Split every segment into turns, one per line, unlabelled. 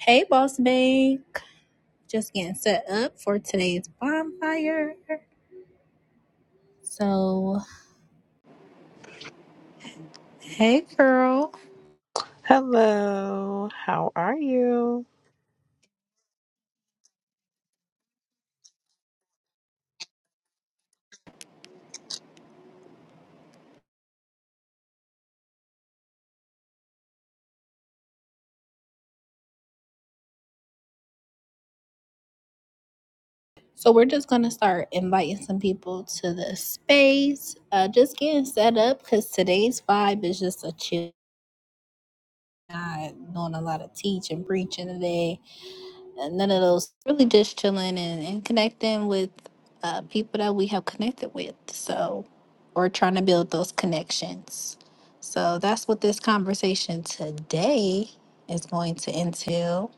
Hey, Boss babe. Just getting set up for today's bonfire. So, Hey, girl.
Hello, how are you?
so we're just gonna start inviting some people to the space. Uh, just getting set up because today's vibe is just a chill. Not doing a lot of teaching, preaching today. uh, none of those. Really just chilling and, and connecting with uh, people that we have connected with. So, or trying to build those connections. So that's what this conversation today is going to entail.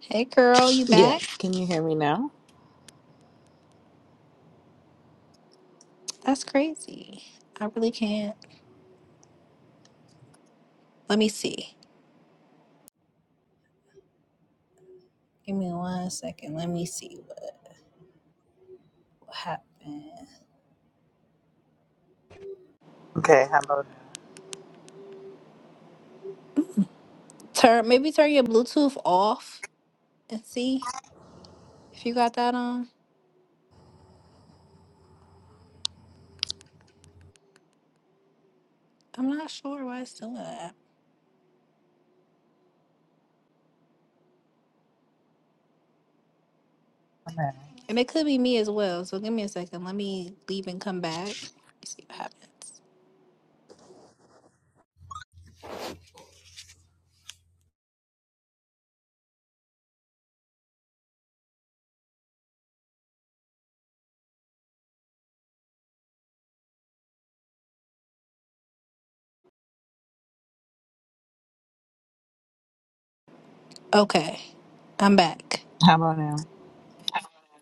Hey, girl, you back?
Yes, can you hear me now?
That's crazy. I really can't. Let me see. Give me one second. Let me see what happened.
Okay, how about now?
Turn maybe turn your Bluetooth off and see if you got that on. I'm not sure why it's doing that. And it could be me as well. So give me a second. Let me leave and come back. Let's see what happens. Okay. I'm back.
How about now?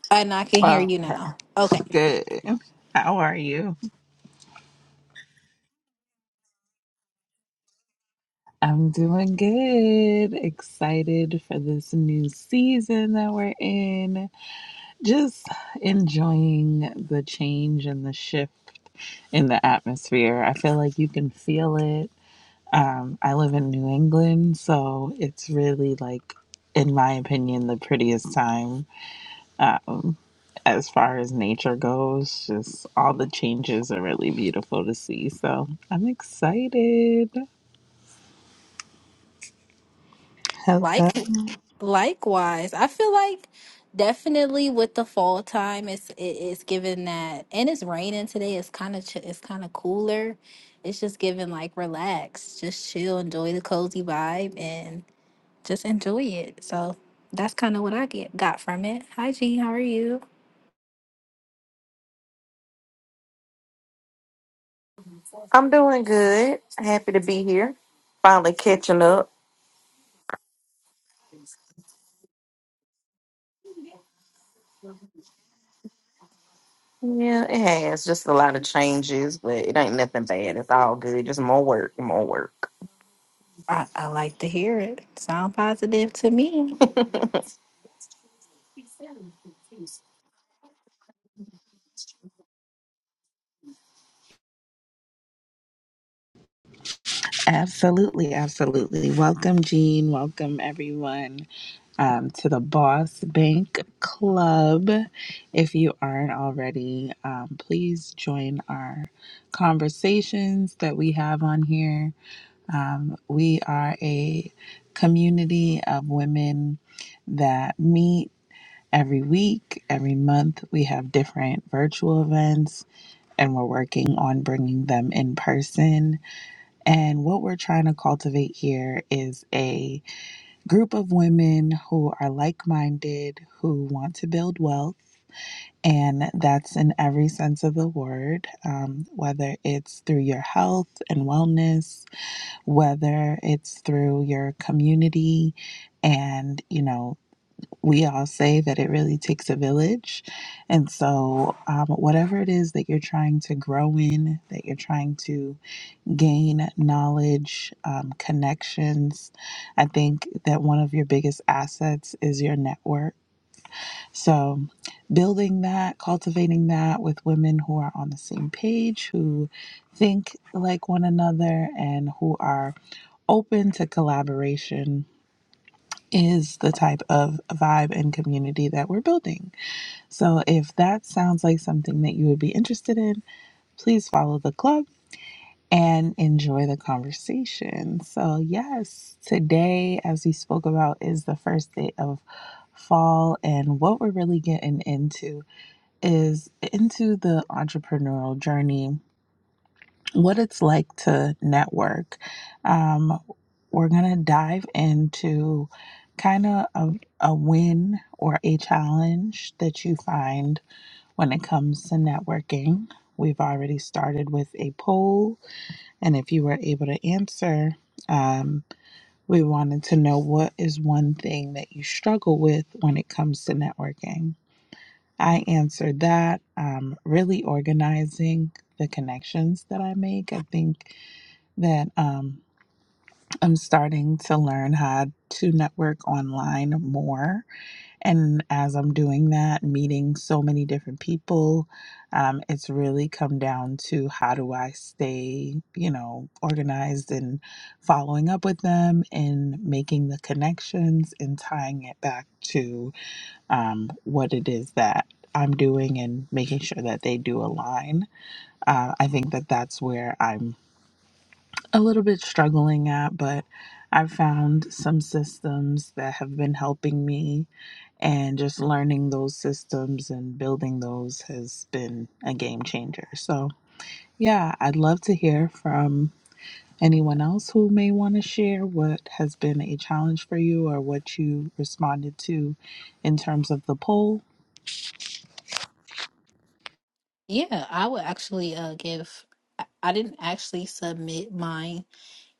And I can hear
Oh,
you now. Okay.
okay. good. How are you? I'm doing good. Excited for this new season that we're in. Just enjoying the change and the shift in the atmosphere. I feel like you can feel it. Um, I live in New England, so it's really like, in my opinion, the prettiest time. Um, as far as nature goes, just all the changes are really beautiful to see. So I'm excited. Hello.
Like likewise. I feel like definitely with the fall time it's it, it's given that and it's raining today. It's kind of ch- it's kind of cooler. It's just given like relax, just chill, enjoy the cozy vibe and just enjoy it. So that's kind of what I get got from it. Hi G, how are you?
I'm doing good. Happy to be here. Finally catching up. Yeah, it has. Just a lot of changes, but it ain't nothing bad. It's all good. Just more work, more work.
I, I like to hear it. Sound positive to me.
Absolutely, absolutely. Welcome, Jean. Welcome, everyone, um, to the Boss Bank Club. If you aren't already, um, please join our conversations that we have on here. Um, we are a community of women that meet. Every week, every month, we have different virtual events and we're working on bringing them in person. And what we're trying to cultivate here is a group of women who are like minded, who want to build wealth. And that's in every sense of the word, um, whether it's through your health and wellness, whether it's through your community and, you know, we all say that it really takes a village. And so, um, whatever it is that you're trying to grow in, that you're trying to gain knowledge, um, connections, I think that one of your biggest assets is your network. So, building that, cultivating that with women who are on the same page, who think like one another, and who are open to collaboration is the type of vibe and community that we're building. So if that sounds like something that you would be interested in, please follow the club and enjoy the conversation. So, yes, today, as we spoke about, is the first day of fall. And what we're really getting into is into the entrepreneurial journey, what it's like to network. Um, we're going to dive into kind of a, a win or a challenge that you find when it comes to networking, we've already started with a poll, and if you were able to answer, um, we wanted to know what is one thing that you struggle with when it comes to networking. I answered that um, really organizing the connections that I make. I think that um, I'm starting to learn how to network online more and as I'm doing that, meeting so many different people, um, it's really come down to how do I stay, you know, organized and following up with them and making the connections and tying it back to um, what it is that I'm doing and making sure that they do align. Uh, I think that that's where I'm a little bit struggling at, but I've found some systems that have been helping me, and just learning those systems and building those has been a game changer. So, yeah, I'd love to hear from anyone else who may want to share what has been a challenge for you or what you responded to in terms of the poll.
Yeah, I would actually uh give I, I didn't actually submit mine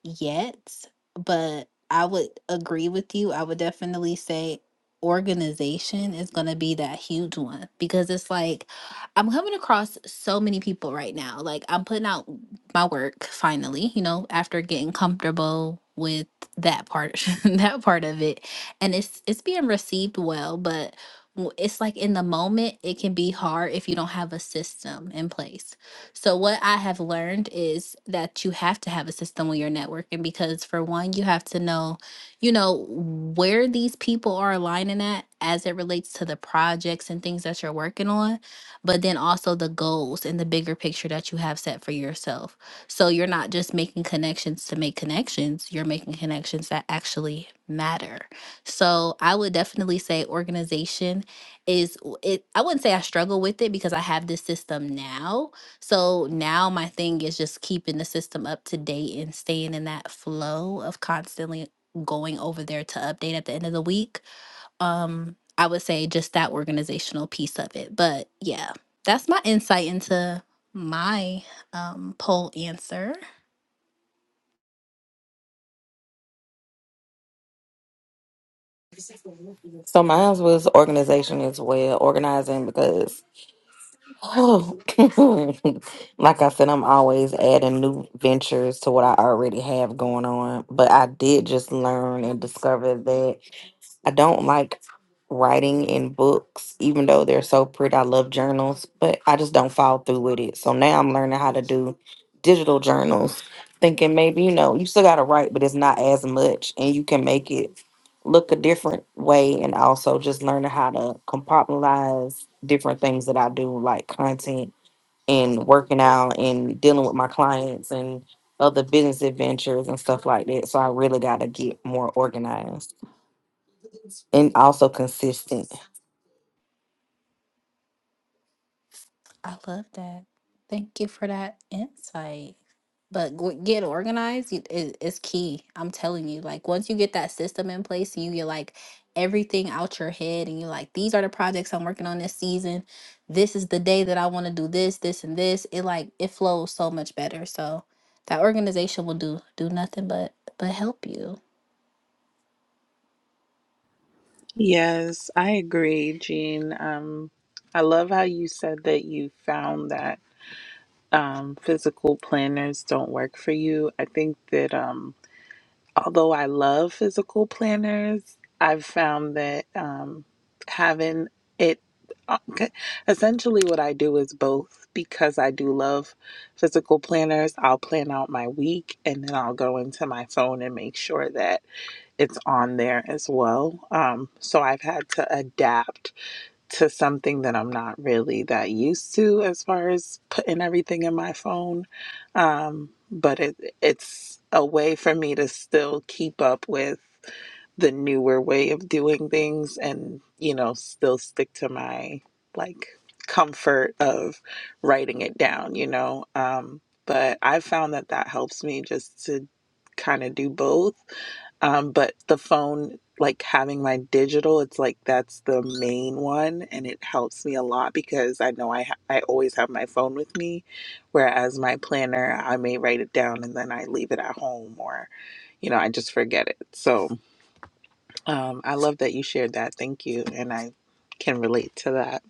yet, but I would agree with you. I would definitely say organization is going to be that huge one because it's like I'm coming across so many people right now. Like I'm putting out my work finally, you know, after getting comfortable with that part that part of it and it's it's being received well but w- it's like in the moment it can be hard if you don't have a system in place so, what I have learned is that you have to have a system when you're networking because, for one, you have to know, you know, where these people are aligning at as it relates to the projects and things that you're working on, but then also the goals and the bigger picture that you have set for yourself. So, you're not just making connections to make connections, you're making connections that actually matter. So, I would definitely say organization is w- it I wouldn't say I struggle with it because I have this system now, so now my thing is just keeping the system up to date and staying in that flow of constantly going over there to update at the end of the week. Um, I would say just that organizational piece of it. But yeah, that's my insight into my um poll answer.
So mine was organization as well, organizing because, oh, like I said, I'm always adding new ventures to what I already have going on. But I did just learn and discover that I don't like writing in books, even though they're so pretty. I love journals, but I just don't follow through with it. So now I'm learning how to do digital journals, thinking maybe, you know, you still got to write, but it's not as much, and you can make it look a different way. And also just learning how to compartmentalize different things that I do, like content and working out and dealing with my clients and other business adventures and stuff like that. So I really got to get more organized and also consistent.
I love that. Thank you for that insight. But g- get organized you- i- is key. I'm telling you, like once you get that system in place and you get like everything out your head and you're like, these are the projects I'm working on this season. This is the day that I want to do this, this, and this. It like it flows so much better. So that organization will do do nothing but but help you.
Yes, I agree, Jean. Um, I love how you said that you found that. um, physical planners don't work for you. I think that um, although I love physical planners, I've found that um, having it uh, c- essentially what I do is both because I do love physical planners. I'll plan out my week and then I'll go into my phone and make sure that it's on there as well. Um, so I've had to adapt to something that I'm not really that used to as far as putting everything in my phone. Um, but it it's a way for me to still keep up with the newer way of doing things and you know still stick to my like comfort of writing it down you know um but i found that that helps me just to kind of do both um but the phone like having my digital it's like that's the main one and it helps me a lot because i know i ha- i always have my phone with me whereas my planner i may write it down and then i leave it at home or you know i just forget it so um, I love that you shared that. Thank you. And I can relate to that.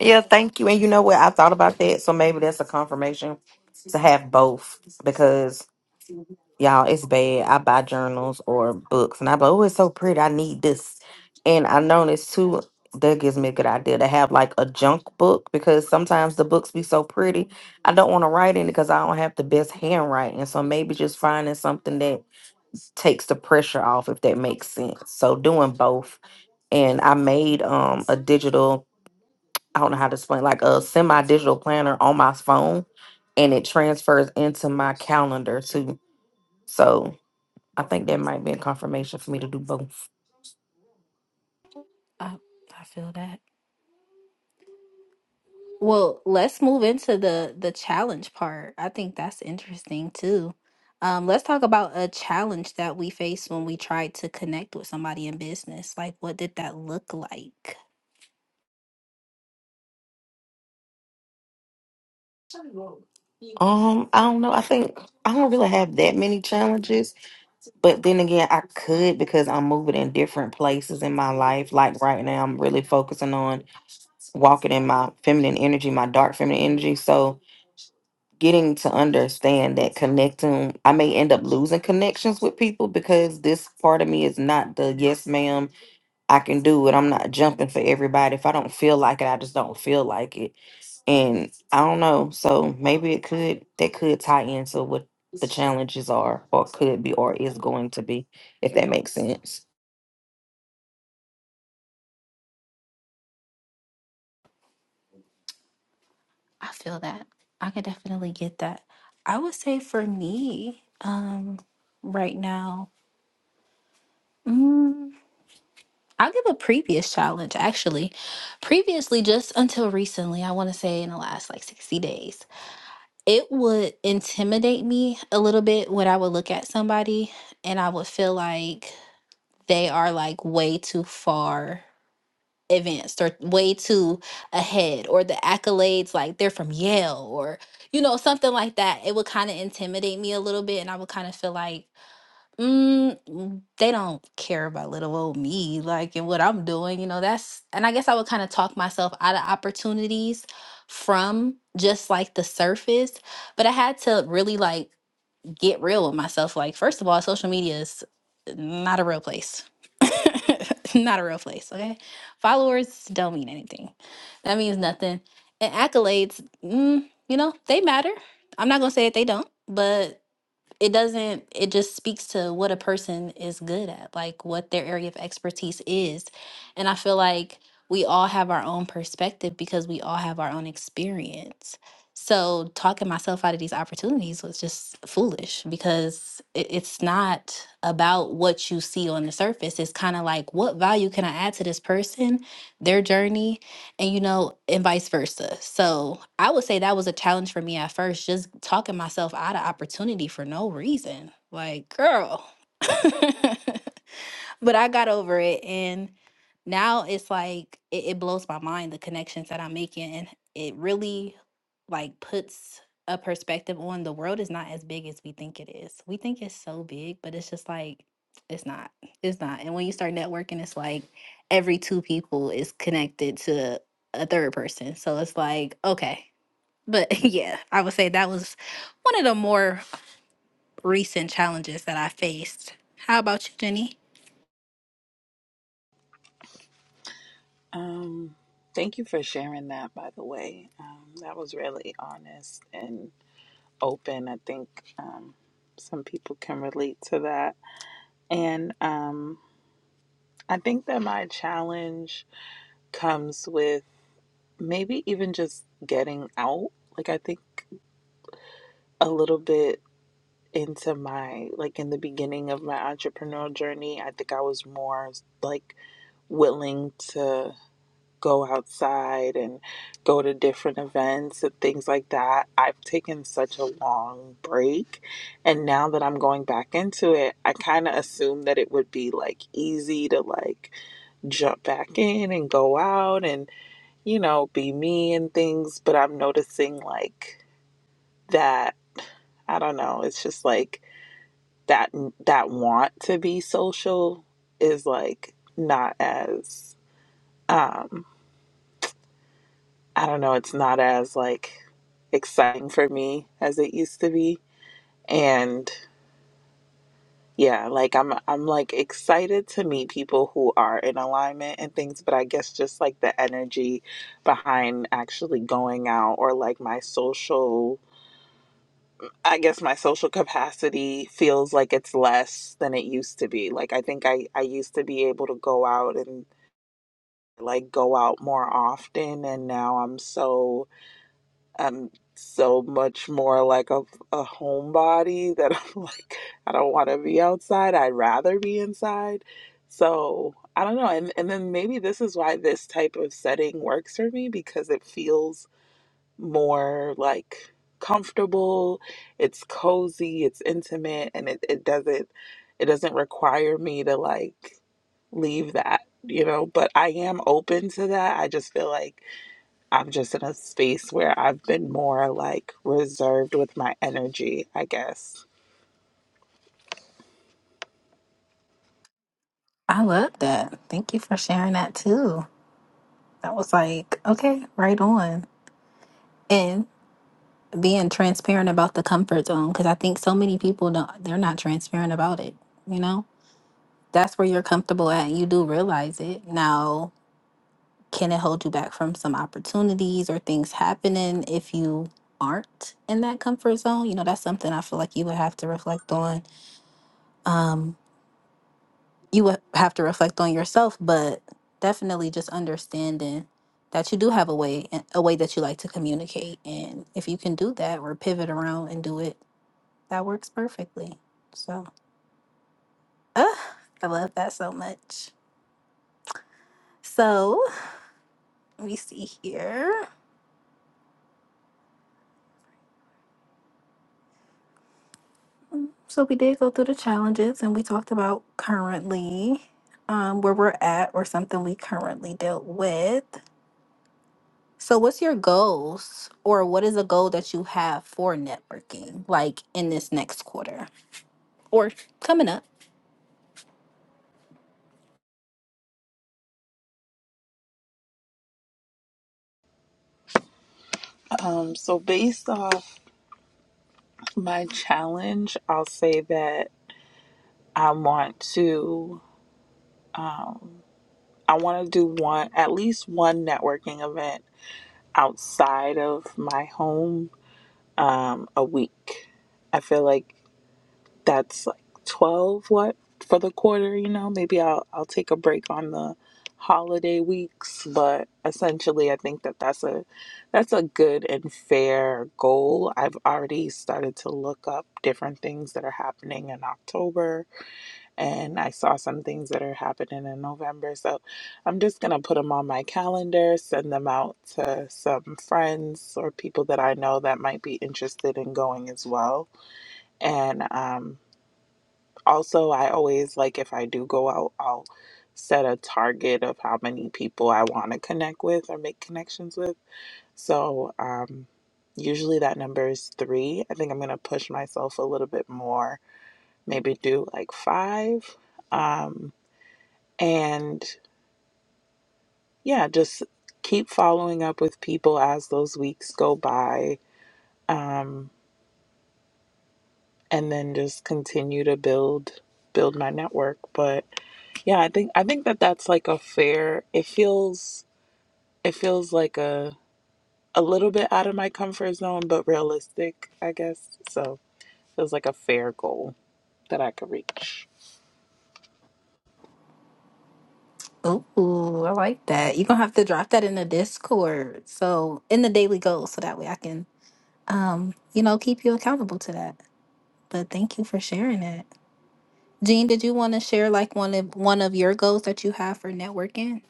Yeah, thank you. And you know what? I thought about that, so maybe that's a confirmation to have both because y'all, it's bad. I buy journals or books, and I be like, oh, it's so pretty. I need this, and I noticed too. That gives me a good idea to have like a junk book because sometimes the books be so pretty. I don't want to write in it because I don't have the best handwriting. So maybe just finding something that takes the pressure off, if that makes sense. So doing both and I made um a digital I don't know how to explain, like a semi digital planner on my phone and it transfers into my calendar too. So I think that might be a confirmation for me to do both.
I I feel that. Well, let's move into the the challenge part. I think that's interesting too. Um, let's talk about a challenge that we faced when we tried to connect with somebody in business. Like, what did that look like?
Um, I don't know. I think I don't really have that many challenges, but then again, I could because I'm moving in different places in my life. Like right now, I'm really focusing on walking in my feminine energy, my dark feminine energy. So getting to understand that connecting i may end up losing connections with people because this part of me is not the yes ma'am i can do it i'm not jumping for everybody if i don't feel like it i just don't feel like it and i don't know so maybe it could that could tie into what the challenges are or could be or is going to be if that makes sense
I feel that. I could definitely get that. I would say for me, um, right now, mm, I'll give a previous challenge actually. Previously, just until recently, I want to say in the last like 60 days. it would intimidate me a little bit when I would look at somebody and I would feel like they are like way too far advanced or way too ahead or the accolades like they're from Yale or you know something like that. It would kind of intimidate me a little bit and I would kind of feel like Mm, mm, they don't care about little old me, like and what I'm doing, you know, that's and I guess I would kind of talk myself out of opportunities from just like the surface, but I had to really like get real with myself. Like, first of all, social media is not a real place. Not a real place, okay? Followers don't mean anything. That means nothing. And accolades, mm, you know, they matter. I'm not gonna say that they don't, but it doesn't it just speaks to what a person is good at like what their area of expertise is and i feel like we all have our own perspective because we all have our own experience so talking myself out of these opportunities was just foolish because it, it's not about what you see on the surface it's kind of like what value can i add to this person their journey and you know and vice versa so i would say that was a challenge for me at first just talking myself out of opportunity for no reason like girl but I got over it, and now it's like it, it blows my mind the connections that I'm making, and it really like puts a perspective on the world is not as big as we think it is. We think it's so big, but it's just like it's not. It's not. And when you start networking, it's like every two people is connected to a third person. So it's like okay. But yeah, I would say that was one of the more recent challenges that I faced. How about you, Jenny?
Um, thank you for sharing that, by the way. Um, that was really honest and open. I think um, some people can relate to that. And um, I think that my challenge comes with maybe even just getting out. Like, I think a little bit into my, like, in the beginning of my entrepreneurial journey, I think I was more like willing to. go outside and go to different events and things like that. I've taken such a long break. And now that I'm going back into it, I kind of assumed that it would be like easy to like jump back in and go out and, you know, be me and things. But I'm noticing like that, I don't know, it's just like that, that want to be social is like not as. um I don't know, it's not as like exciting for me as it used to be. And yeah, like I'm I'm like excited to meet people who are in alignment and things, but I guess just like the energy behind actually going out or like my social I guess my social capacity feels like it's less than it used to be. Like I think I I used to be able to go out and like go out more often and now I'm so I'm so much more like a, a homebody that I'm like, I don't want to be outside. I'd rather be inside. So I don't know. And, and then maybe this is why this type of setting works for me because it feels more like comfortable. It's cozy, it's intimate, and it, it doesn't, it doesn't require me to like leave that, you know, but I am open to that. I just feel like I'm just in a space where I've been more like reserved with my energy, I guess.
I love that. Thank you for sharing that too. That was like, okay, right on. And being transparent about the comfort zone because I think so many people don't they're not transparent about it, you know? That's where you're comfortable at. You do realize it. Now, can it hold you back from some opportunities or things happening if you aren't in that comfort zone? You know, that's something I feel like you would have to reflect on. Um, you would have to reflect on yourself, but definitely just understanding that you do have a way, a way that you like to communicate. And if you can do that or pivot around and do it, that works perfectly. So, uh, I love that so much. So, let me see here. Mm, So, we did go through the challenges and we talked about currently um, where we're at or something we currently dealt with. So, what's your goals, or what is a goal that you have for networking, like in this next quarter or coming up?
Um, so, based off my challenge, I'll say that I want to, um, I want to do one, at least one networking event outside of my home um, a week. I feel like that's like 12 what for the quarter you know maybe i'll i'll take a break on the holiday weeks but essentially i think that that's a that's a good and fair goal i've already started to look up different things that are happening in october and i saw some things that are happening in november so i'm just going to put them on my calendar send them out to some friends or people that i know that might be interested in going as well and um also, I always like if I do go out, I'll set a target of how many people I want to connect with or make connections with. So, um, usually that number is three. I think I'm going to push myself a little bit more, maybe do like five. Um, and yeah, just keep following up with people as those weeks go by. Um, and then just continue to build build my network. But Yeah, I think I think that that's like a fair. It feels it feels like a a little bit out of my comfort zone, but realistic, I guess. So it was like a fair goal that I could reach.
Ooh, I like that. You're gonna have to drop that in the Discord, so in the daily goals, so that way I can, um, you know, keep you accountable to that. But thank you for sharing that, Jean. Did you want to share like one of one of your goals that you have for networking?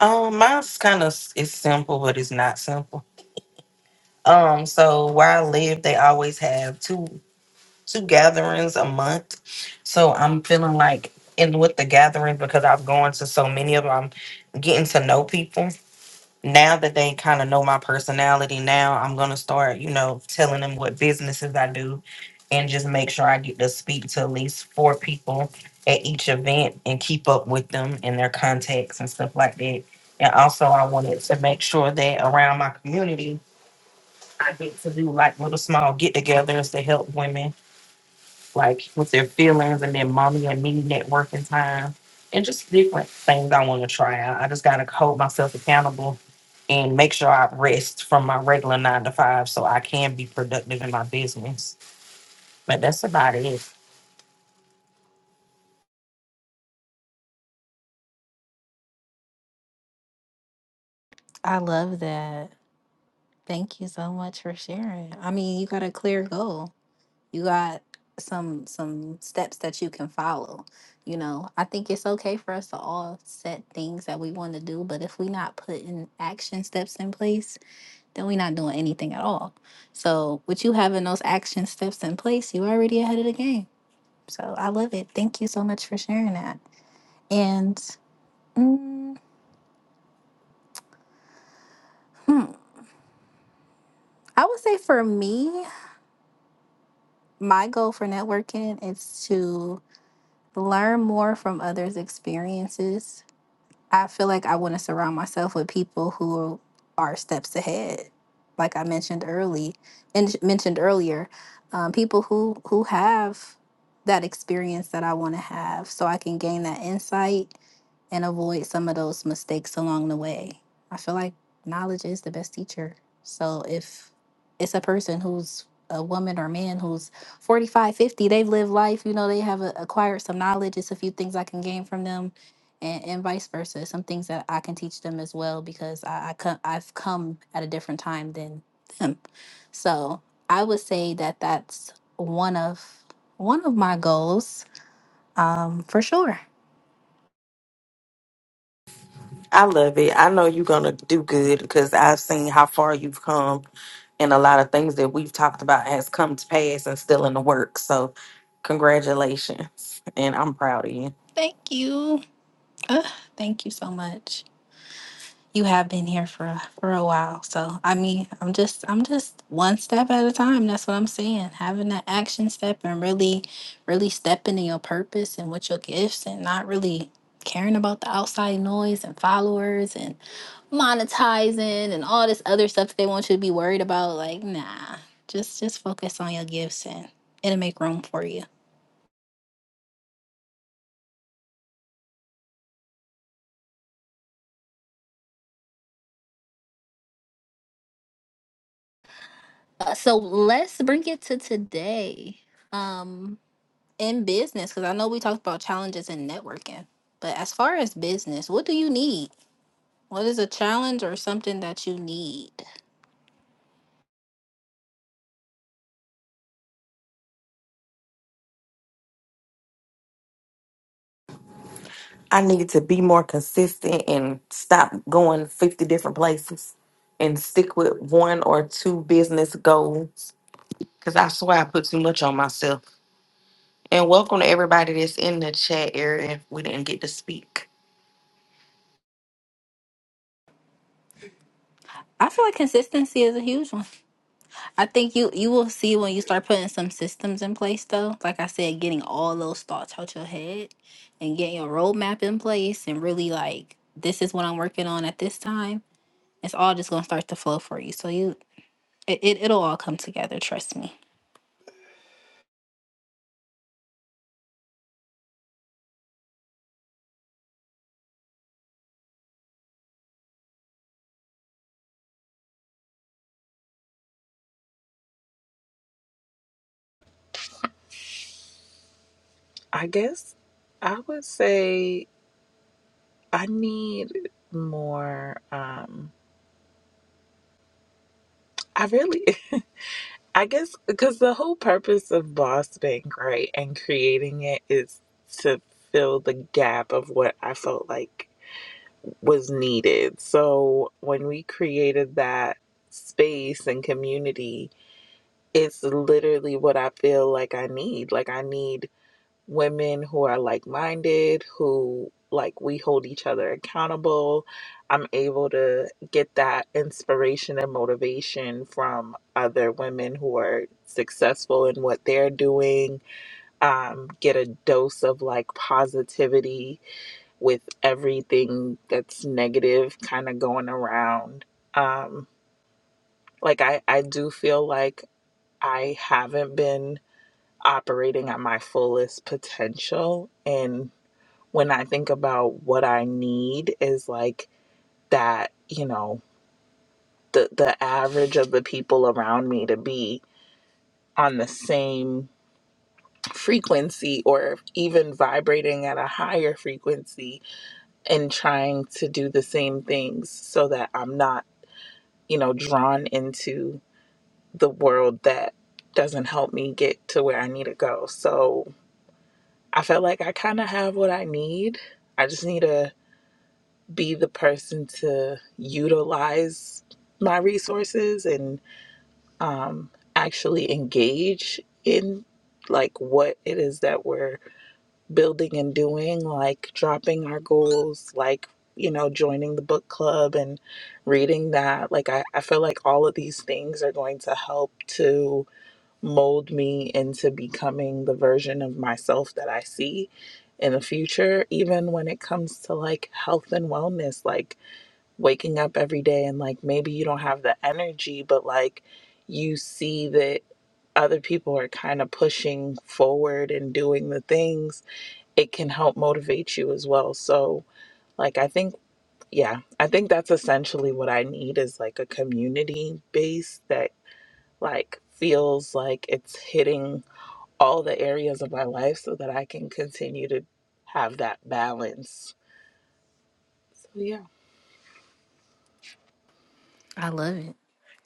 Um, mine's kind of it's simple, but it's not simple. Um, so where I live, they always have two. two gatherings a month. So I'm feeling like in with the gatherings because I've gone to so many of them, I'm getting to know people. Now that they kind of know my personality, now I'm gonna start, you know, telling them what businesses I do and just make sure I get to speak to at least four people at each event and keep up with them and their contacts and stuff like that. And also I wanted to make sure that around my community I get to do like little small get togethers to help women like with their feelings and then mommy and me networking time and just different things I want to try out. I just got to hold myself accountable and make sure I rest from my regular nine to five so I can be productive in my business. But that's about it.
I love that. Thank you so much for sharing. I mean, you got a clear goal. you got some some steps that you can follow you know i think it's okay for us to all set things that we want to do but if we not putting action steps in place then we not doing anything at all so with you having those action steps in place you already ahead of the game so i love it thank you so much for sharing that and mm, hmm, i would say for me my goal for networking is to learn more from others experiences I feel like I want to surround myself with people who are steps ahead, like I mentioned early and mentioned earlier, um, people who who have that experience that I want to have, so I can gain that insight and avoid some of those mistakes along the way. I feel like knowledge is the best teacher. So if it's a person who's a woman or man who's forty they've lived life, you know, they have a, acquired some knowledge. It's a few things I can gain from them and, and vice versa. Some things that I can teach them as well because I, I come, I've come at a different time than them. So I would say that that's one of one of my goals um, for sure.
I love it. I know you're gonna do good because I've seen how far you've come, and a lot of things that we've talked about has come to pass and still in the works. So, congratulations, and I'm proud of you.
Thank you. Ugh, thank you so much. You have been here for a- for a while, so I mean, I'm just I'm just one step at a time. That's what I'm saying. Having that action step and really, really stepping in your purpose and with your gifts, and not really caring about the outside noise and followers and monetizing and all this other stuff that they want you to be worried about. Like, nah, just just focus on your gifts and it'll make room for you. Uh, so let's bring it to today. Um, in business because i know we talked about challenges in networking but as far as business what do you need what is a challenge or something that you need
I needed to be more consistent and stop going 50 different places and stick with one or two business goals because I swear I put too much on myself. And welcome to everybody that's in the chat area. If we didn't get to speak.
i feel like consistency is a huge one i think you you will see when you start putting some systems in place though like i said getting all those thoughts out your head and getting your roadmap in place and really like this is what i'm working on at this time it's all just going to start to flow for you so you it, it, it'll all come together trust me
I guess I would say I need more. Um, I really, I guess, because the whole purpose of Boss Bank, right, and creating it is to fill the gap of what I felt like was needed. So when we created that space and community, it's literally what I feel like I need. Like I need women who are like-minded, who like we hold each other accountable. I'm able to get that inspiration and motivation from other women who are successful in what they're doing. Um, get a dose of like positivity with everything that's negative kind of going around. Um, like I, I do feel like I haven't been operating at my fullest potential. And when I think about what I need is like that, you know, the, the average of the people around me to be on the same frequency or even vibrating at a higher frequency and trying to do the same things so that I'm not you know, drawn into the world that doesn't help me get to where I need to go. So I felt like I kind of have what I need. I just need to be the person to utilize my resources and um, actually engage in like what it is that we're building and doing, like dropping our goals, like, you know, joining the book club and reading that. Like, I, I feel like all of these things are going to help to mold me into becoming the version of myself that I see in the future, even when it comes to like health and wellness, like waking up every day and like maybe you don't have the energy, but like you see that other people are kind of pushing forward and doing the things it can help motivate you as well. So, like, I think, yeah, I think that's essentially what I need is like a community base that like feels like it's hitting all the areas of my life so that I can continue to have that balance. So, yeah,
i love it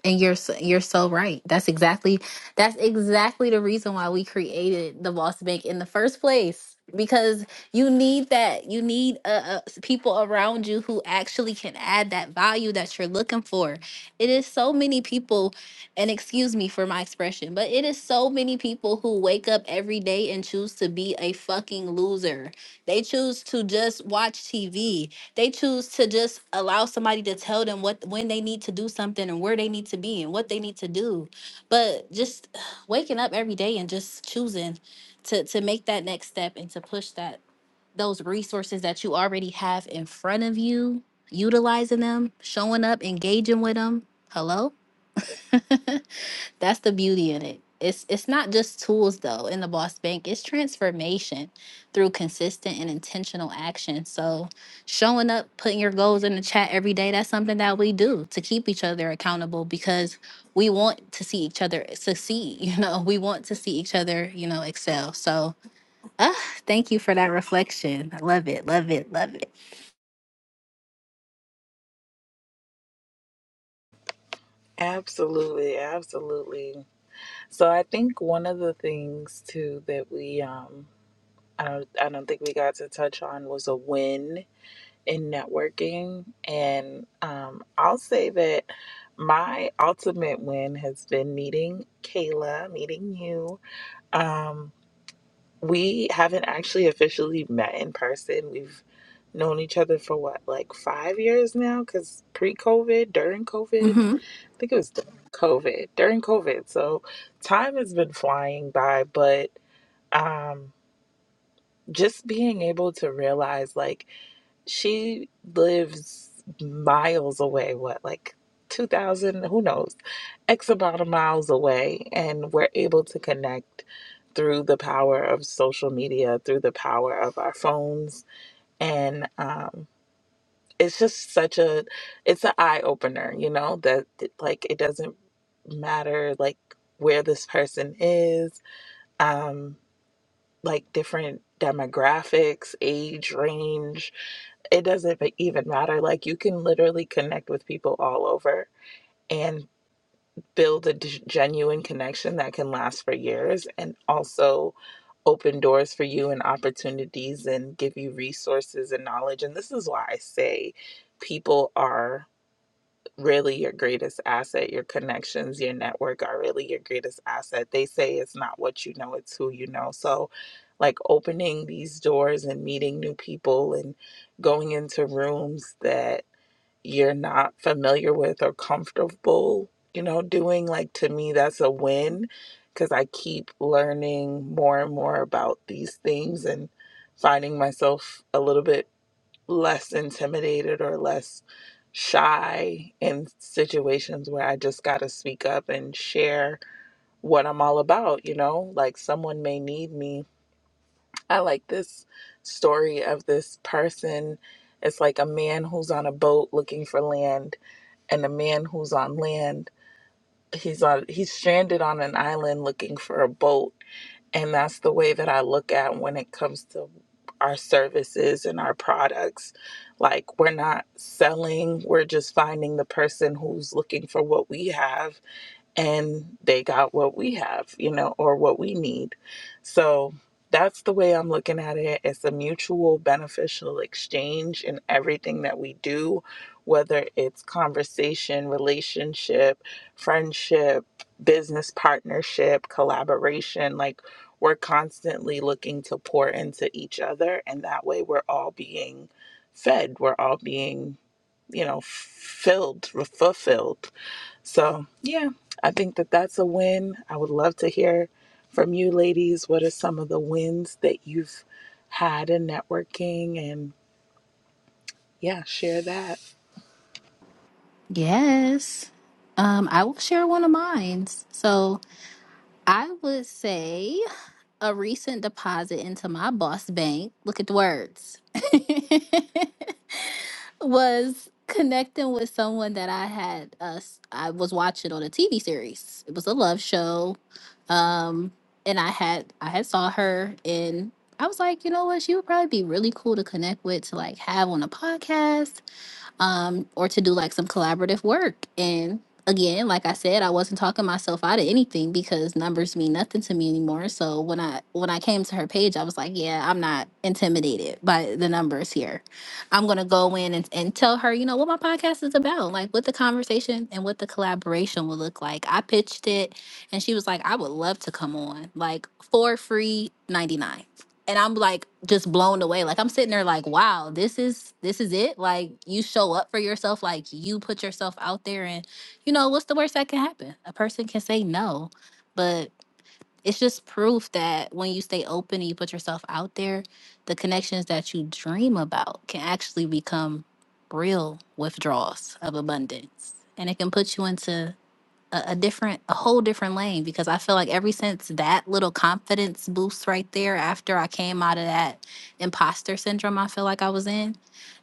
And you're s- you're so right. That's exactly that's exactly the reason why we created the Boss Bank in the first place because you need that you need uh, uh, s- people around you who actually can add that value that you're looking for. It is so many people and excuse me for my expression, but it is so many people who wake up every day and choose to be a fucking loser. They choose to just watch TV they choose to just allow somebody to tell them what when they need to do something and where they need to be and what they need to do but just waking up every day and just choosing to to make that next step and to push that those resources that you already have in front of you utilizing them showing up engaging with them hello That's the beauty in it. It's it's not just tools though in the boss bank. It's transformation through consistent and intentional action. So showing up, putting your goals in the chat every day, that's something that we do to keep each other accountable because we want to see each other succeed, you know. We want to see each other, you know, excel. So ah, thank you for that reflection. I love it, love it, love it.
absolutely, absolutely. So, I think one of the things too that we, um, I don't, I don't think we got to touch on was a win in networking. And um, I'll say that my ultimate win has been meeting Kayla, meeting you. Um, we haven't actually officially met in person. We've known each other for what, like five years now? Because pre COVID, during COVID,
hmm
I think it was during COVID, during COVID. So time has been flying by, but um, just being able to realize like, she lives miles away, what, like 2,000, who knows, X amount of miles away. And we're able to connect through the power of social media, through the power of our phones. And um, it's just such a, it's an eye opener, you know, that like it doesn't matter like where this person is. Um, like different demographics, age range. It doesn't even matter. Like you can literally connect with people all over and build a d- genuine connection that can last for years and also open doors for you and opportunities and give you resources and knowledge. And this is why I say people are really your greatest asset. Your connections, your network are really your greatest asset. They say it's not what you know, it's who you know. So, like opening these doors and meeting new people and going into rooms that you're not familiar with or comfortable, you know, doing, like to me, that's a win because I keep learning more and more about these things and finding myself a little bit less intimidated or less shy in situations where I just got to speak up and share what I'm all about, you know? Like someone may need me. I like this story of this person. It's like a man who's on a boat looking for land and a man who's on land. He's on he's stranded on an island looking for a boat and that's the way that I look at when it comes to our services and our products. Like, we're not selling, we're just finding the person who's looking for what we have and they got what we have, you know, or what we need. So that's the way I'm looking at it. It's a mutual beneficial exchange in everything that we do, whether it's conversation, relationship, friendship, business partnership, collaboration. Like we're constantly looking to pour into each other. And that way we're all being fed, we're all being, you know, filled, fulfilled so, yeah, I think that that's a win. I would love to hear from you, ladies. What are some of the wins that you've had in networking? And yeah, share that.
Yes. Um, I will share one of mine. So I would say a recent deposit into my boss bank, look at the words, was connecting with someone that I had us I was watching on a TV series. It was a love show. Um and I had I had saw her and I was like, you know what, she would probably be really cool to connect with to like have on a podcast um, or to do like some collaborative work. And again, like I said, I wasn't talking myself out of anything because numbers mean nothing to me anymore. So when I when I came to her page, I was like, yeah, I'm not intimidated by the numbers here. I'm gonna go in and, and tell her, you know, what my podcast is about, like what the conversation and what the collaboration will look like. I pitched it and she was like, I would love to come on, like for free 99 and I'm like just blown away. Like I'm sitting there like, wow, this is this is it. Like you show up for yourself, like you put yourself out there and you know, what's the worst that can happen? A person can say no, but it's just proof that when you stay open and you put yourself out there, the connections that you dream about can actually become real withdrawals of abundance. And it can put you into a, a different a whole different lane because i feel like ever since that little confidence boost right there after i came out of that imposter syndrome i feel like i was in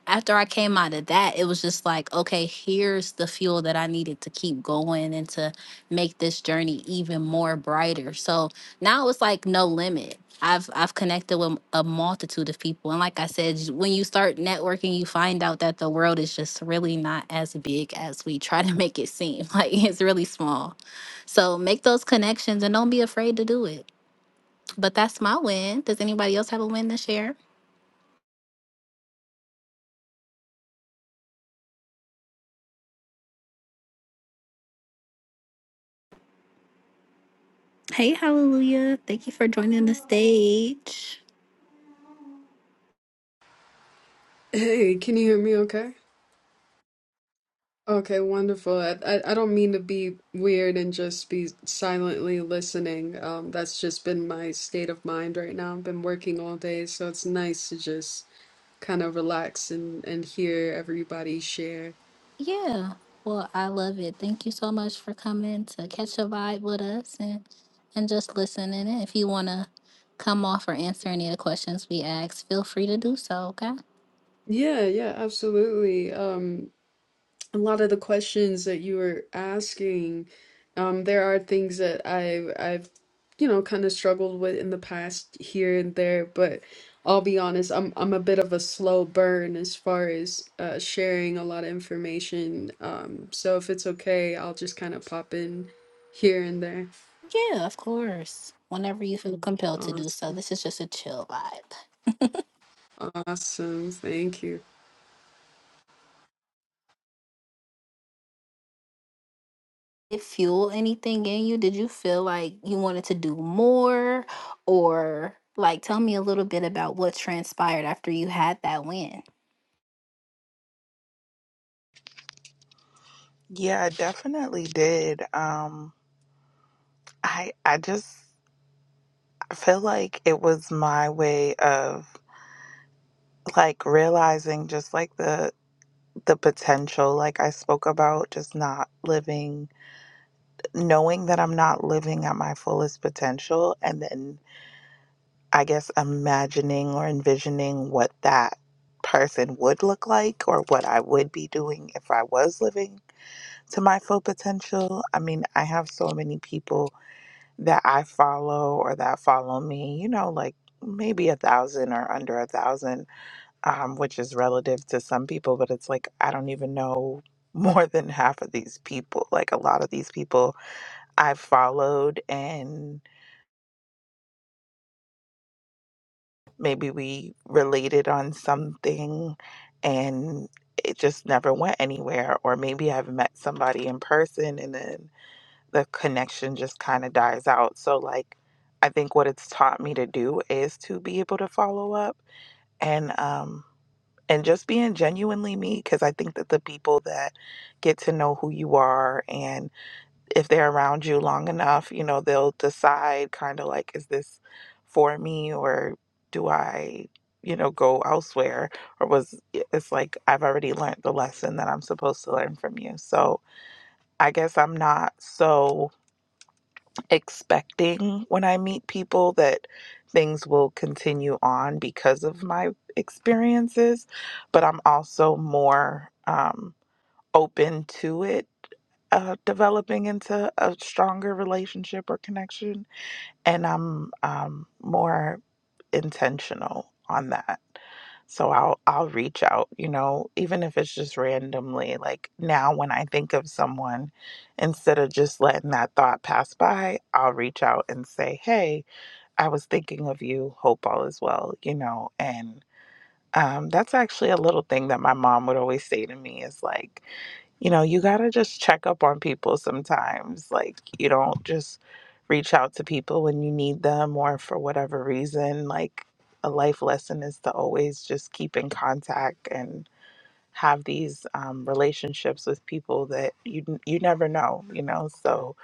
after I came out of that, it was just like, okay, here's the fuel that I needed to keep going and to make this journey even more brighter. So now it's like no limit. I've I've connected with a multitude of people, and like I said, j- when you start networking, you find out that the world is just really not as big as we try to make it seem. Like it's really small. So make those connections and don't be afraid to do it. But that's my win. Does anybody else have a win to share? Hey, Hallelujah. Thank you for joining the stage.
Hey, can you hear me okay? Okay, wonderful. I, I, I don't mean to be weird and just be silently listening. Um, that's just been my state of mind right now. I've been working all day, so it's nice to just kind of relax and, and hear everybody share.
Yeah. Well, I love it. Thank you so much for coming to catch a vibe with us and and just listening. And if you want to come off or answer any of the questions we asked, feel free to do so, okay?
Yeah, yeah, absolutely. Um. a lot of the questions that you were asking, um, there are things that I've I've you know kind of struggled with in the past here and there, but I'll be honest, I'm I'm a bit of a slow burn as far as uh, sharing a lot of information. Um, so if it's okay, I'll just kind of pop in here and there.
Yeah, of course. Whenever you feel compelled to
Awesome,
do so. This is just a chill vibe.
awesome, thank you.
Did it fuel anything in you? Did you feel like you wanted to do more or like tell me a little bit about what transpired after you had that win?
Yeah, I definitely did. Um, I I just I feel like it was my way of like realizing just like the the potential, like I spoke about, just not living, knowing that I'm not living at my fullest potential, and then I guess, imagining or envisioning what that person would look like or what I would be doing if I was living to my full potential. I mean, I have so many people that I follow or that follow me, you know, like maybe a thousand or under a thousand, um, which is relative to some people, but it's like I don't even know more than half of these people. Like a lot of these people I've followed and. maybe we related on something and it just never went anywhere or maybe i've met somebody in person and then the connection just kind of dies out so like i think what it's taught me to do is to be able to follow up and um and just being genuinely me because i think that the people that get to know who you are and if they're around you long enough, you know, they'll decide kind of like, is this for me or do I, you know, go elsewhere? Or was it's like, I've already learned the lesson that I'm supposed to learn from you. So I guess I'm not so expecting when I meet people that things will continue on because of my experiences, but I'm also more, um, open to it uh, developing into a stronger relationship or connection, and I'm um, more intentional on that. So I'll I'll reach out, you know, even if it's just randomly. Like now, when I think of someone, instead of just letting that thought pass by, I'll reach out and say, "Hey, I was thinking of you. Hope all is well," you know, And um, that's actually a little thing that my mom would always say to me is like, you know, you got to just check up on people sometimes. Like, you don't just reach out to people when you need them or for whatever reason. Like, a life lesson is to always just keep in contact and have these um, relationships with people that you you never know, you know. So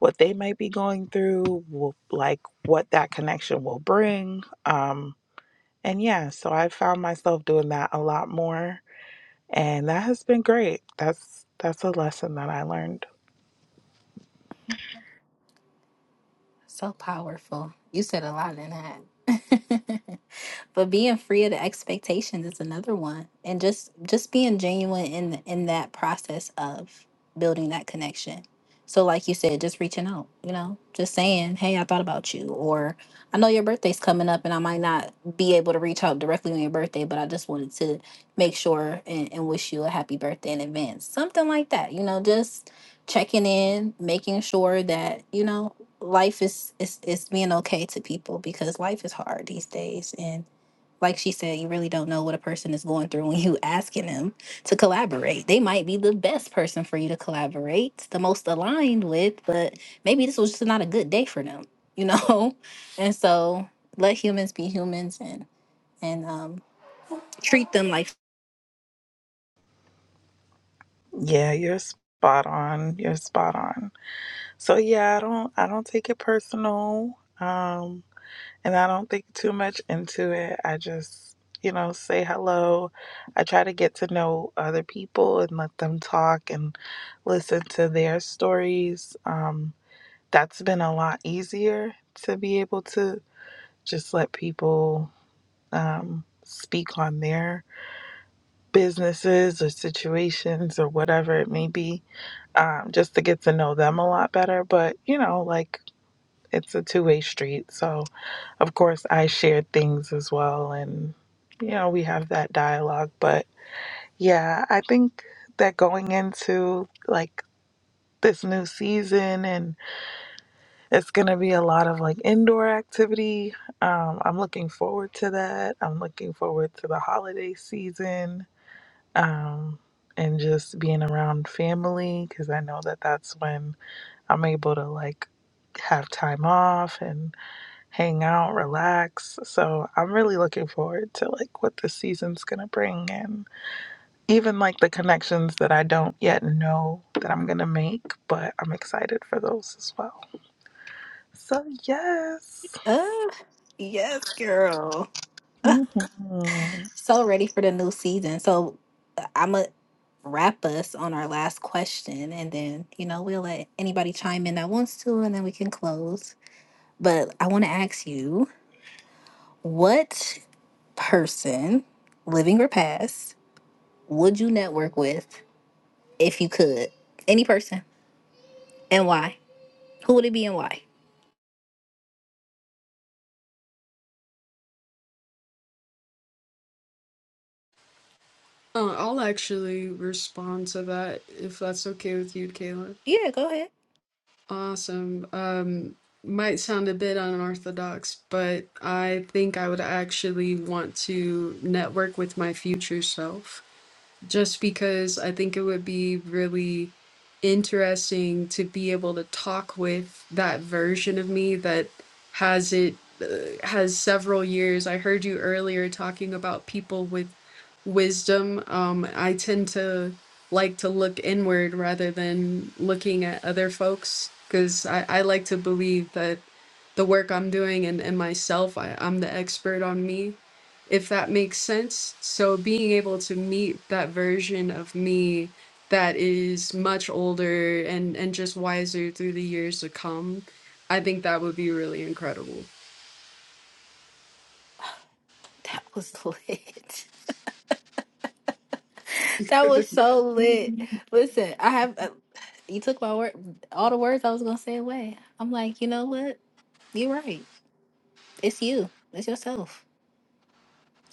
what they might be going through, will, like what that connection will bring. Um, and yeah, so I found myself doing that a lot more, and that has been great. That's that's a lesson that I learned.
So powerful. You said a lot in that. but being free of the expectations is another one and just just being genuine in in that process of building that connection so like you said just reaching out you know just saying hey i thought about you or i know your birthday's coming up and i might not be able to reach out directly on your birthday but i just wanted to make sure and, and wish you a happy birthday in advance something like that you know just checking in making sure that you know life is is is being okay to people because life is hard these days and like she said, you really don't know what a person is going through when you asking them to collaborate. They might be the best person for you to collaborate, the most aligned with, but maybe this was just not a good day for them, you know? And so let humans be humans and and um treat them like
Yeah, you're spot on. You're spot on. So yeah, I don't I don't take it personal. Um, and I don't think too much into it. I just, you know, say hello. I try to get to know other people and let them talk and listen to their stories. Um, that's been a lot easier to be able to just let people um, speak on their businesses or situations or whatever it may be, um, just to get to know them a lot better. But, you know, like it's a two way street. So, of course, I share things as well. And, you know, we have that dialogue. But yeah, I think that going into like this new season and it's going to be a lot of like indoor activity. Um, I'm looking forward to that. I'm looking forward to the holiday season um, and just being around family because I know that that's when I'm able to like have time off and hang out, relax. So I'm really looking forward to like what this season's gonna bring and even like the connections that I don't yet know that I'm gonna make, but I'm excited for those as well. So yes.
uh yes, girl.
Mhm.
So ready for the new season. So uh, I'ma wrap us on our last question and then, you know, we'll let anybody chime in that wants to and then we can close. But I want to ask you What person, living or past, would you network with if you could? Any person. And why? Who would it be and why?
Uh, I'll actually respond to that if that's okay with you, Kayla.
Yeah, go ahead.
Awesome. Um, might sound a bit unorthodox, but I think I would actually want to network with my future self just because I think it would be really interesting to be able to talk with that version of me that has it uh, has several years. I heard you earlier talking about people with wisdom. Um, I tend to like to look inward rather than looking at other folks because I, I like to believe that the work I'm doing and, and myself, I, I'm the expert on me, if that makes sense. So being able to meet that version of me that is much older and, and just wiser through the years to come, I think that would be really incredible.
That was lit. That was so lit. Listen, I have, uh, you took my word, all the words I was going to say away. I'm like, you know what? You're right. It's you, it's yourself.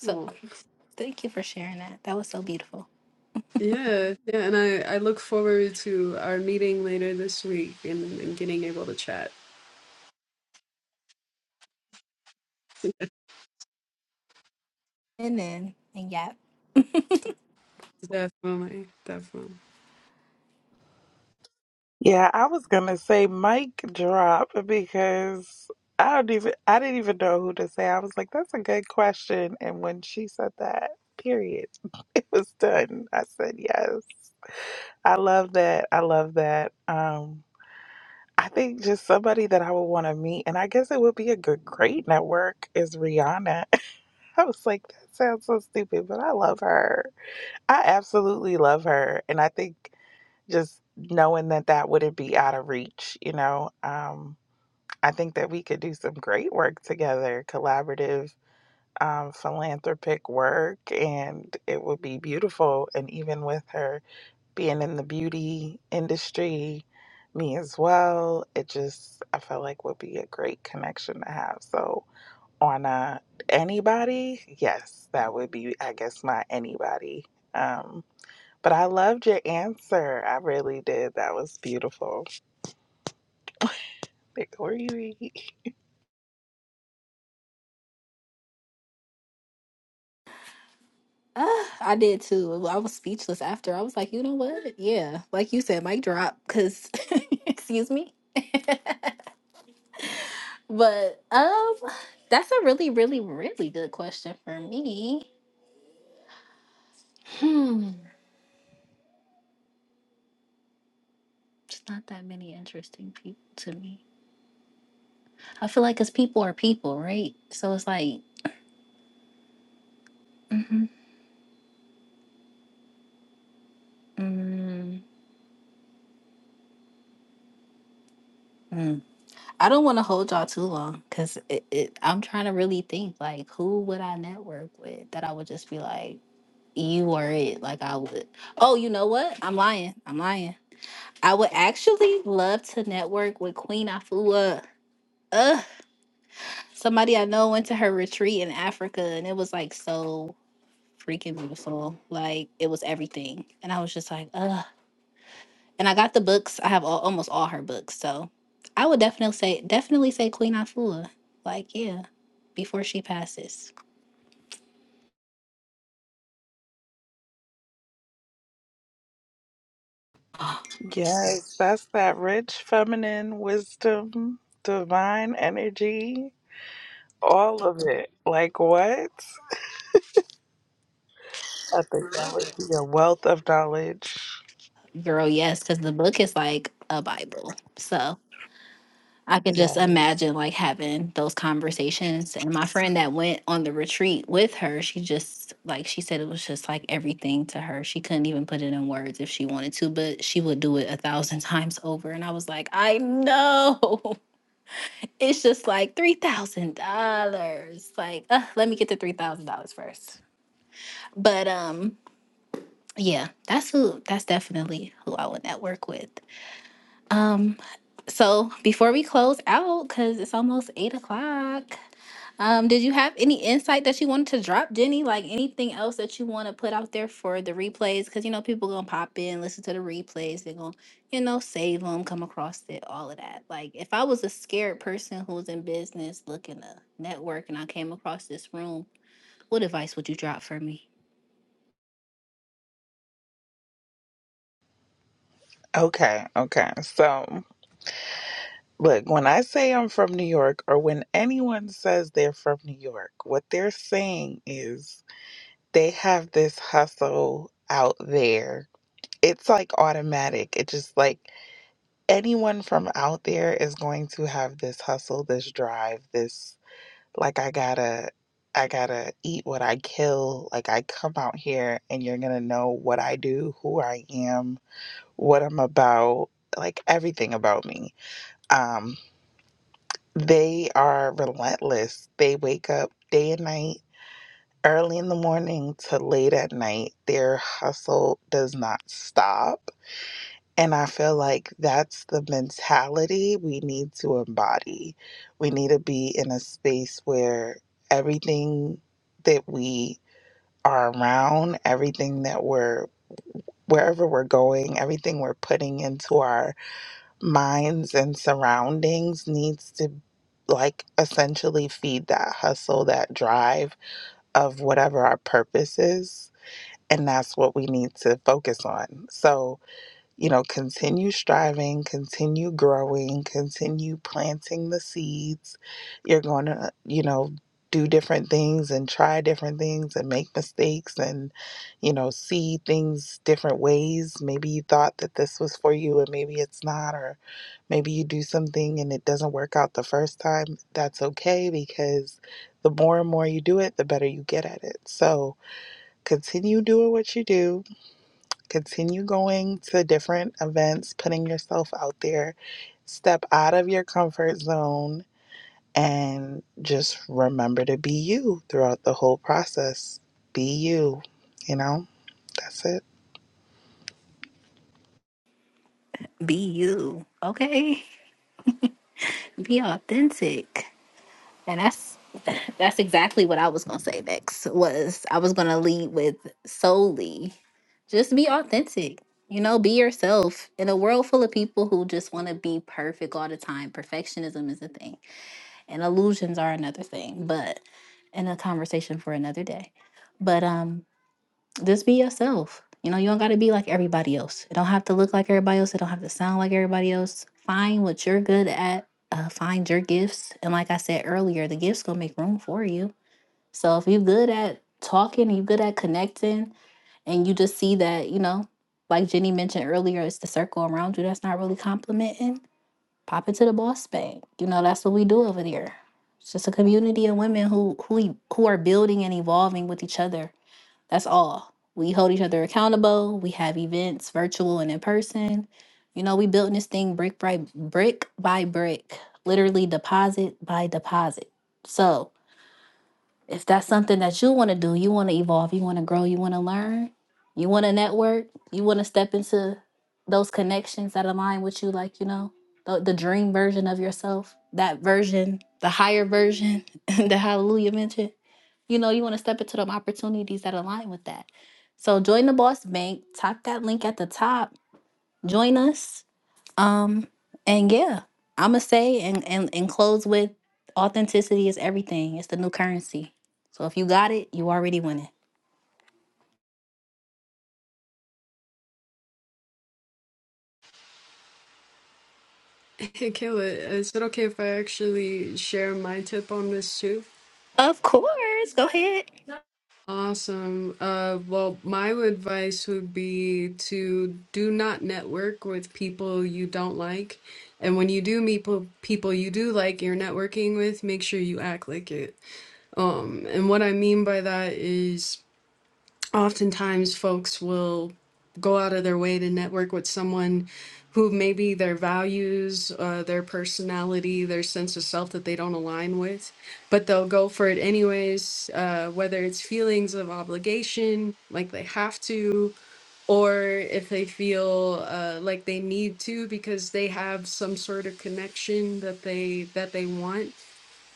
So
Aw.
thank you for sharing that. That was so beautiful.
Yeah, yeah, and I I look forward to our meeting later this week and, and getting able to chat.
And then, and yeah.
Definitely, definitely.
Yeah, I was gonna say mic drop because I don't even I didn't even know who to say. I was like, that's a good question. And when she said that, period, it was done. I said yes. I love that. I love that. Um I think just somebody that I would want to meet, and I guess it would be a good great network is Rihanna. I was like, that sounds so stupid, but I love her. I absolutely love her. And I think just knowing that that wouldn't be out of reach, you know. Um, I think that we could do some great work together, collaborative, um, philanthropic work, and it would be beautiful. And even with her being in the beauty industry, me as well, it just I felt like would be a great connection to have. So on uh, anybody, yes, that would be I guess my anybody. Um, but I loved your answer. I really did. That was beautiful. Victoria.
Uh, I did too. Well, I was speechless after. I was like, you know what? Yeah, like you said, mic drop. Cause, excuse me. but um, that's a really, really, really good question for me. Hmm, it's not that many interesting people to me. I feel like, cause people are people, right? So it's like, mm-hmm, mm, mm. I don't want to hold y'all too long because it, it, I'm trying to really think like, who would I network with that I would just be like. You were it. Like I would. Oh, you know what? I'm lying. I'm lying. I would actually love to network with Queen Afua. Ugh, somebody I know went to her retreat in Africa and it was like so freaking beautiful. Like it was everything. And I was just like, ugh. And I got the books. I have all, almost all her books. So I would definitely say definitely say Queen Afua. Like, yeah, before she passes.
Yes, that's that rich feminine wisdom, divine energy, all of it. Like what? I think that would be a wealth of knowledge.
Girl, yes, because the book is like a Bible. So I could just
Yes.
imagine like having those conversations. And my friend that went on the retreat with her, she just like she said it was just like everything to her. She couldn't even put it in words if she wanted to, but she would do it a thousand times over. And I was like, I know. It's just like three thousand dollars. Like, uh, let me get the three thousand dollars first. But um, yeah, that's who that's definitely who I would network with. So before we close out, because it's almost eight o'clock. Um, did you have any insight that you wanted to drop, Jenny? Like anything else that you want to put out there for the replays? Because you know people gonna pop in, listen to the replays. They're gonna, you know, save them, come across it, all of that. Like if I was a scared person who was in business looking to network and I came across this room, what advice would you drop for me?
Okay, okay. So, look, when I say I'm from New York, or when anyone says they're from New York, what they're saying is they have this hustle out there it's like automatic. It just like anyone from out there is going to have this hustle, this drive, this like I gotta I gotta eat what I kill. Like I come out here and you're gonna know what I do, who I am, what I'm about, like everything about me. Um they are relentless. They wake up day and night, early in the morning to late at night. Their hustle does not stop And I feel like that's the mentality we need to embody. We need to be in a space where everything that we are around, everything that we're wherever we're going, everything we're putting into our minds and surroundings needs to like essentially feed that hustle, that drive of whatever our purpose is. And that's what we need to focus on. So you know, continue striving, continue growing, continue planting the seeds. You're going to, you know, do different things and try different things and make mistakes and, you know, see things different ways. Maybe you thought that this was for you and maybe it's not, or maybe you do something and it doesn't work out the first time. That's okay because the more and more you do it, the better you get at it. So continue doing what you do Continue going to different events, putting yourself out there. Step out of your comfort zone and just remember to be you throughout the whole process. Be you, you know? That's it.
Be you, okay? Be authentic. And that's that's exactly what I was gonna say next. Was I was gonna lead with solely just be authentic. You know, be yourself in a world full of people who just want to be perfect all the time. Perfectionism is a thing, and illusions are another thing. But in a conversation for another day. But um, just be yourself. You know, you don't got to be like everybody else. It don't have to look like everybody else. It don't have to sound like everybody else. Find what you're good at. Uh, find your gifts. And like I said earlier, the gifts gonna make room for you. So if you're good at talking, and you're good at connecting, and you just see that, you know, like Jenny mentioned earlier, it's the circle around you that's not really complimenting. Pop it to the boss bank. You know, that's what we do over there. It's just a community of women who who e- who are building and evolving with each other that's all. We hold each other accountable. We have events, virtual and in person. You know, we built this thing brick by brick by brick, literally deposit by deposit. So, if that's something that you want to do, you want to evolve, you want to grow, you want to learn, you want to network, you want to step into those connections that align with you, like you know, the, the dream version of yourself, that version, the higher version that Hallelujah mentioned you know, you want to step into them opportunities that align with that. So join the Boss Bank. Tap that link at the top. Join us. Um, and yeah, I'ma say and and and close with authenticity is everything. It's the new currency. So if you got it, you already winning.
Hey, Kayla, is it okay if I actually share my tip on this too?
Of course. Go ahead.
Awesome. Uh, well, my advice would be to do not network with people you don't like, and when you do meet po- people you do like, you're networking with, make sure you act like it. Um, and what I mean by that is. oftentimes folks will go out of their way to network with someone who maybe their values, uh, their personality, their sense of self that they don't align with, but they'll go for it anyways, uh, whether it's feelings of obligation, like they have to, or if they feel uh, like they need to because they have some sort of connection that they that they want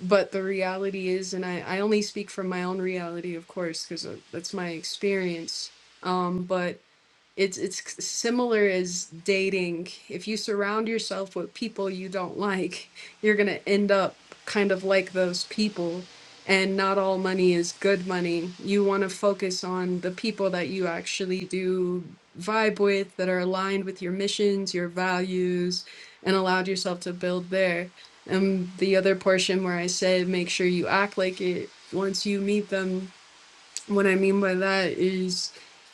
but the reality is and i, I only speak from my own reality of course because that's my experience um, but it's it's similar as dating. If you surround yourself with people you don't like, you're gonna end up kind of like those people. And not all money is good money. You want to focus on the people that you actually do vibe with, that are aligned with your missions, your values, and allowed yourself to build there. And the other portion where I said, make sure you act like it once you meet them what I mean by that is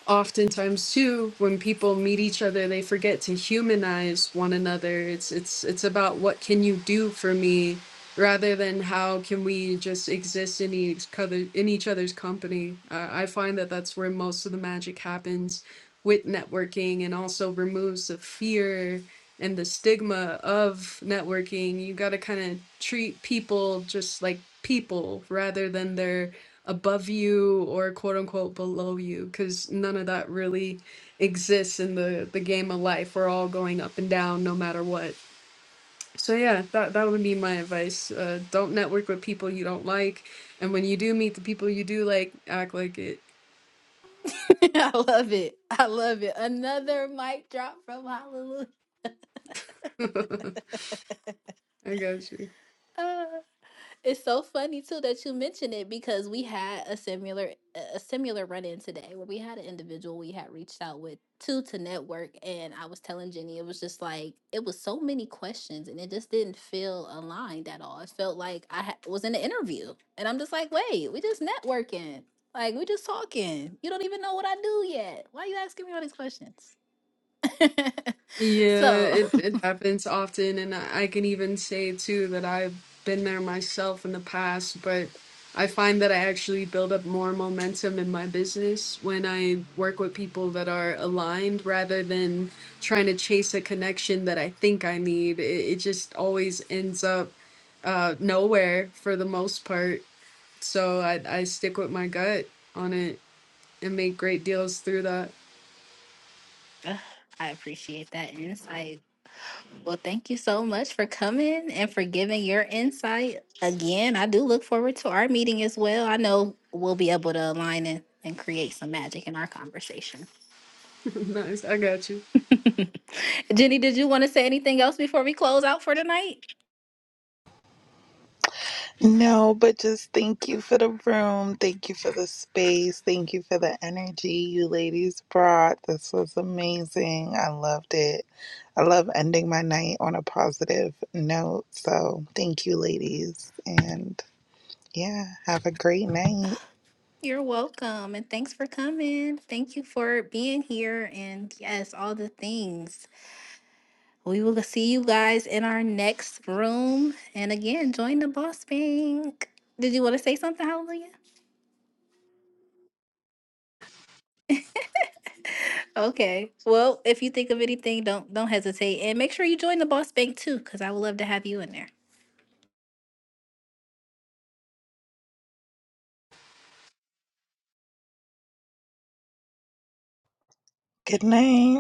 oftentimes too when people meet each other they forget to humanize one another it's it's it's about what can you do for me rather than how can we just exist in each other in each other's company uh, i find that that's where most of the magic happens with networking and also removes the fear and the stigma of networking you got to kind of treat people just like people rather than their above you or quote unquote below you because none of that really exists in the the game of life we're all going up and down no matter what so yeah that that would be my advice uh don't network with people you don't like and when you do meet the people you do like act like it
I love it. I love it. Another mic drop from Hallelujah.
i got you
It's so funny too that you mention it because we had a similar a similar run in today where we had an individual we had reached out with to to network and I was telling Jenny it was just like it was so many questions and it just didn't feel aligned at all. It felt like I ha- was in an interview and I'm just like, wait, we just networking, like we just talking. You don't even know what I do yet. Why are you asking me all these questions?
Yeah,
so
it, it happens often, and I I can even say too that I've been there myself in the past, but I find that I actually build up more momentum in my business when I work with people that are aligned rather than trying to chase a connection that I think I need. It, it just always ends up uh, nowhere for the most part. So I, I stick with my gut on it and make great deals through that.
I appreciate that insight. Well, thank you so much for coming and for giving your insight. Again, I do look forward to our meeting as well. I know we'll be able to align and, and create some magic in our conversation.
Nice, I got you.
Jenny, did you want to say anything else before we close out for tonight?
No, but just thank you for the room. Thank you for the space. Thank you for the energy you ladies brought. This was amazing. I loved it. I love ending my night on a positive note. So thank you, ladies. And Yeah, have a great night.
You're welcome. And thanks for coming. Thank you for being here. And yes, all the things. We will see you guys in our next room. And again, join the Boss Bank. Did you want to say something, Hallelujah? Okay. Well, if you think of anything, don't don't hesitate, and make sure you join the Boss Bank too, because I would love to have you in there.
Good night.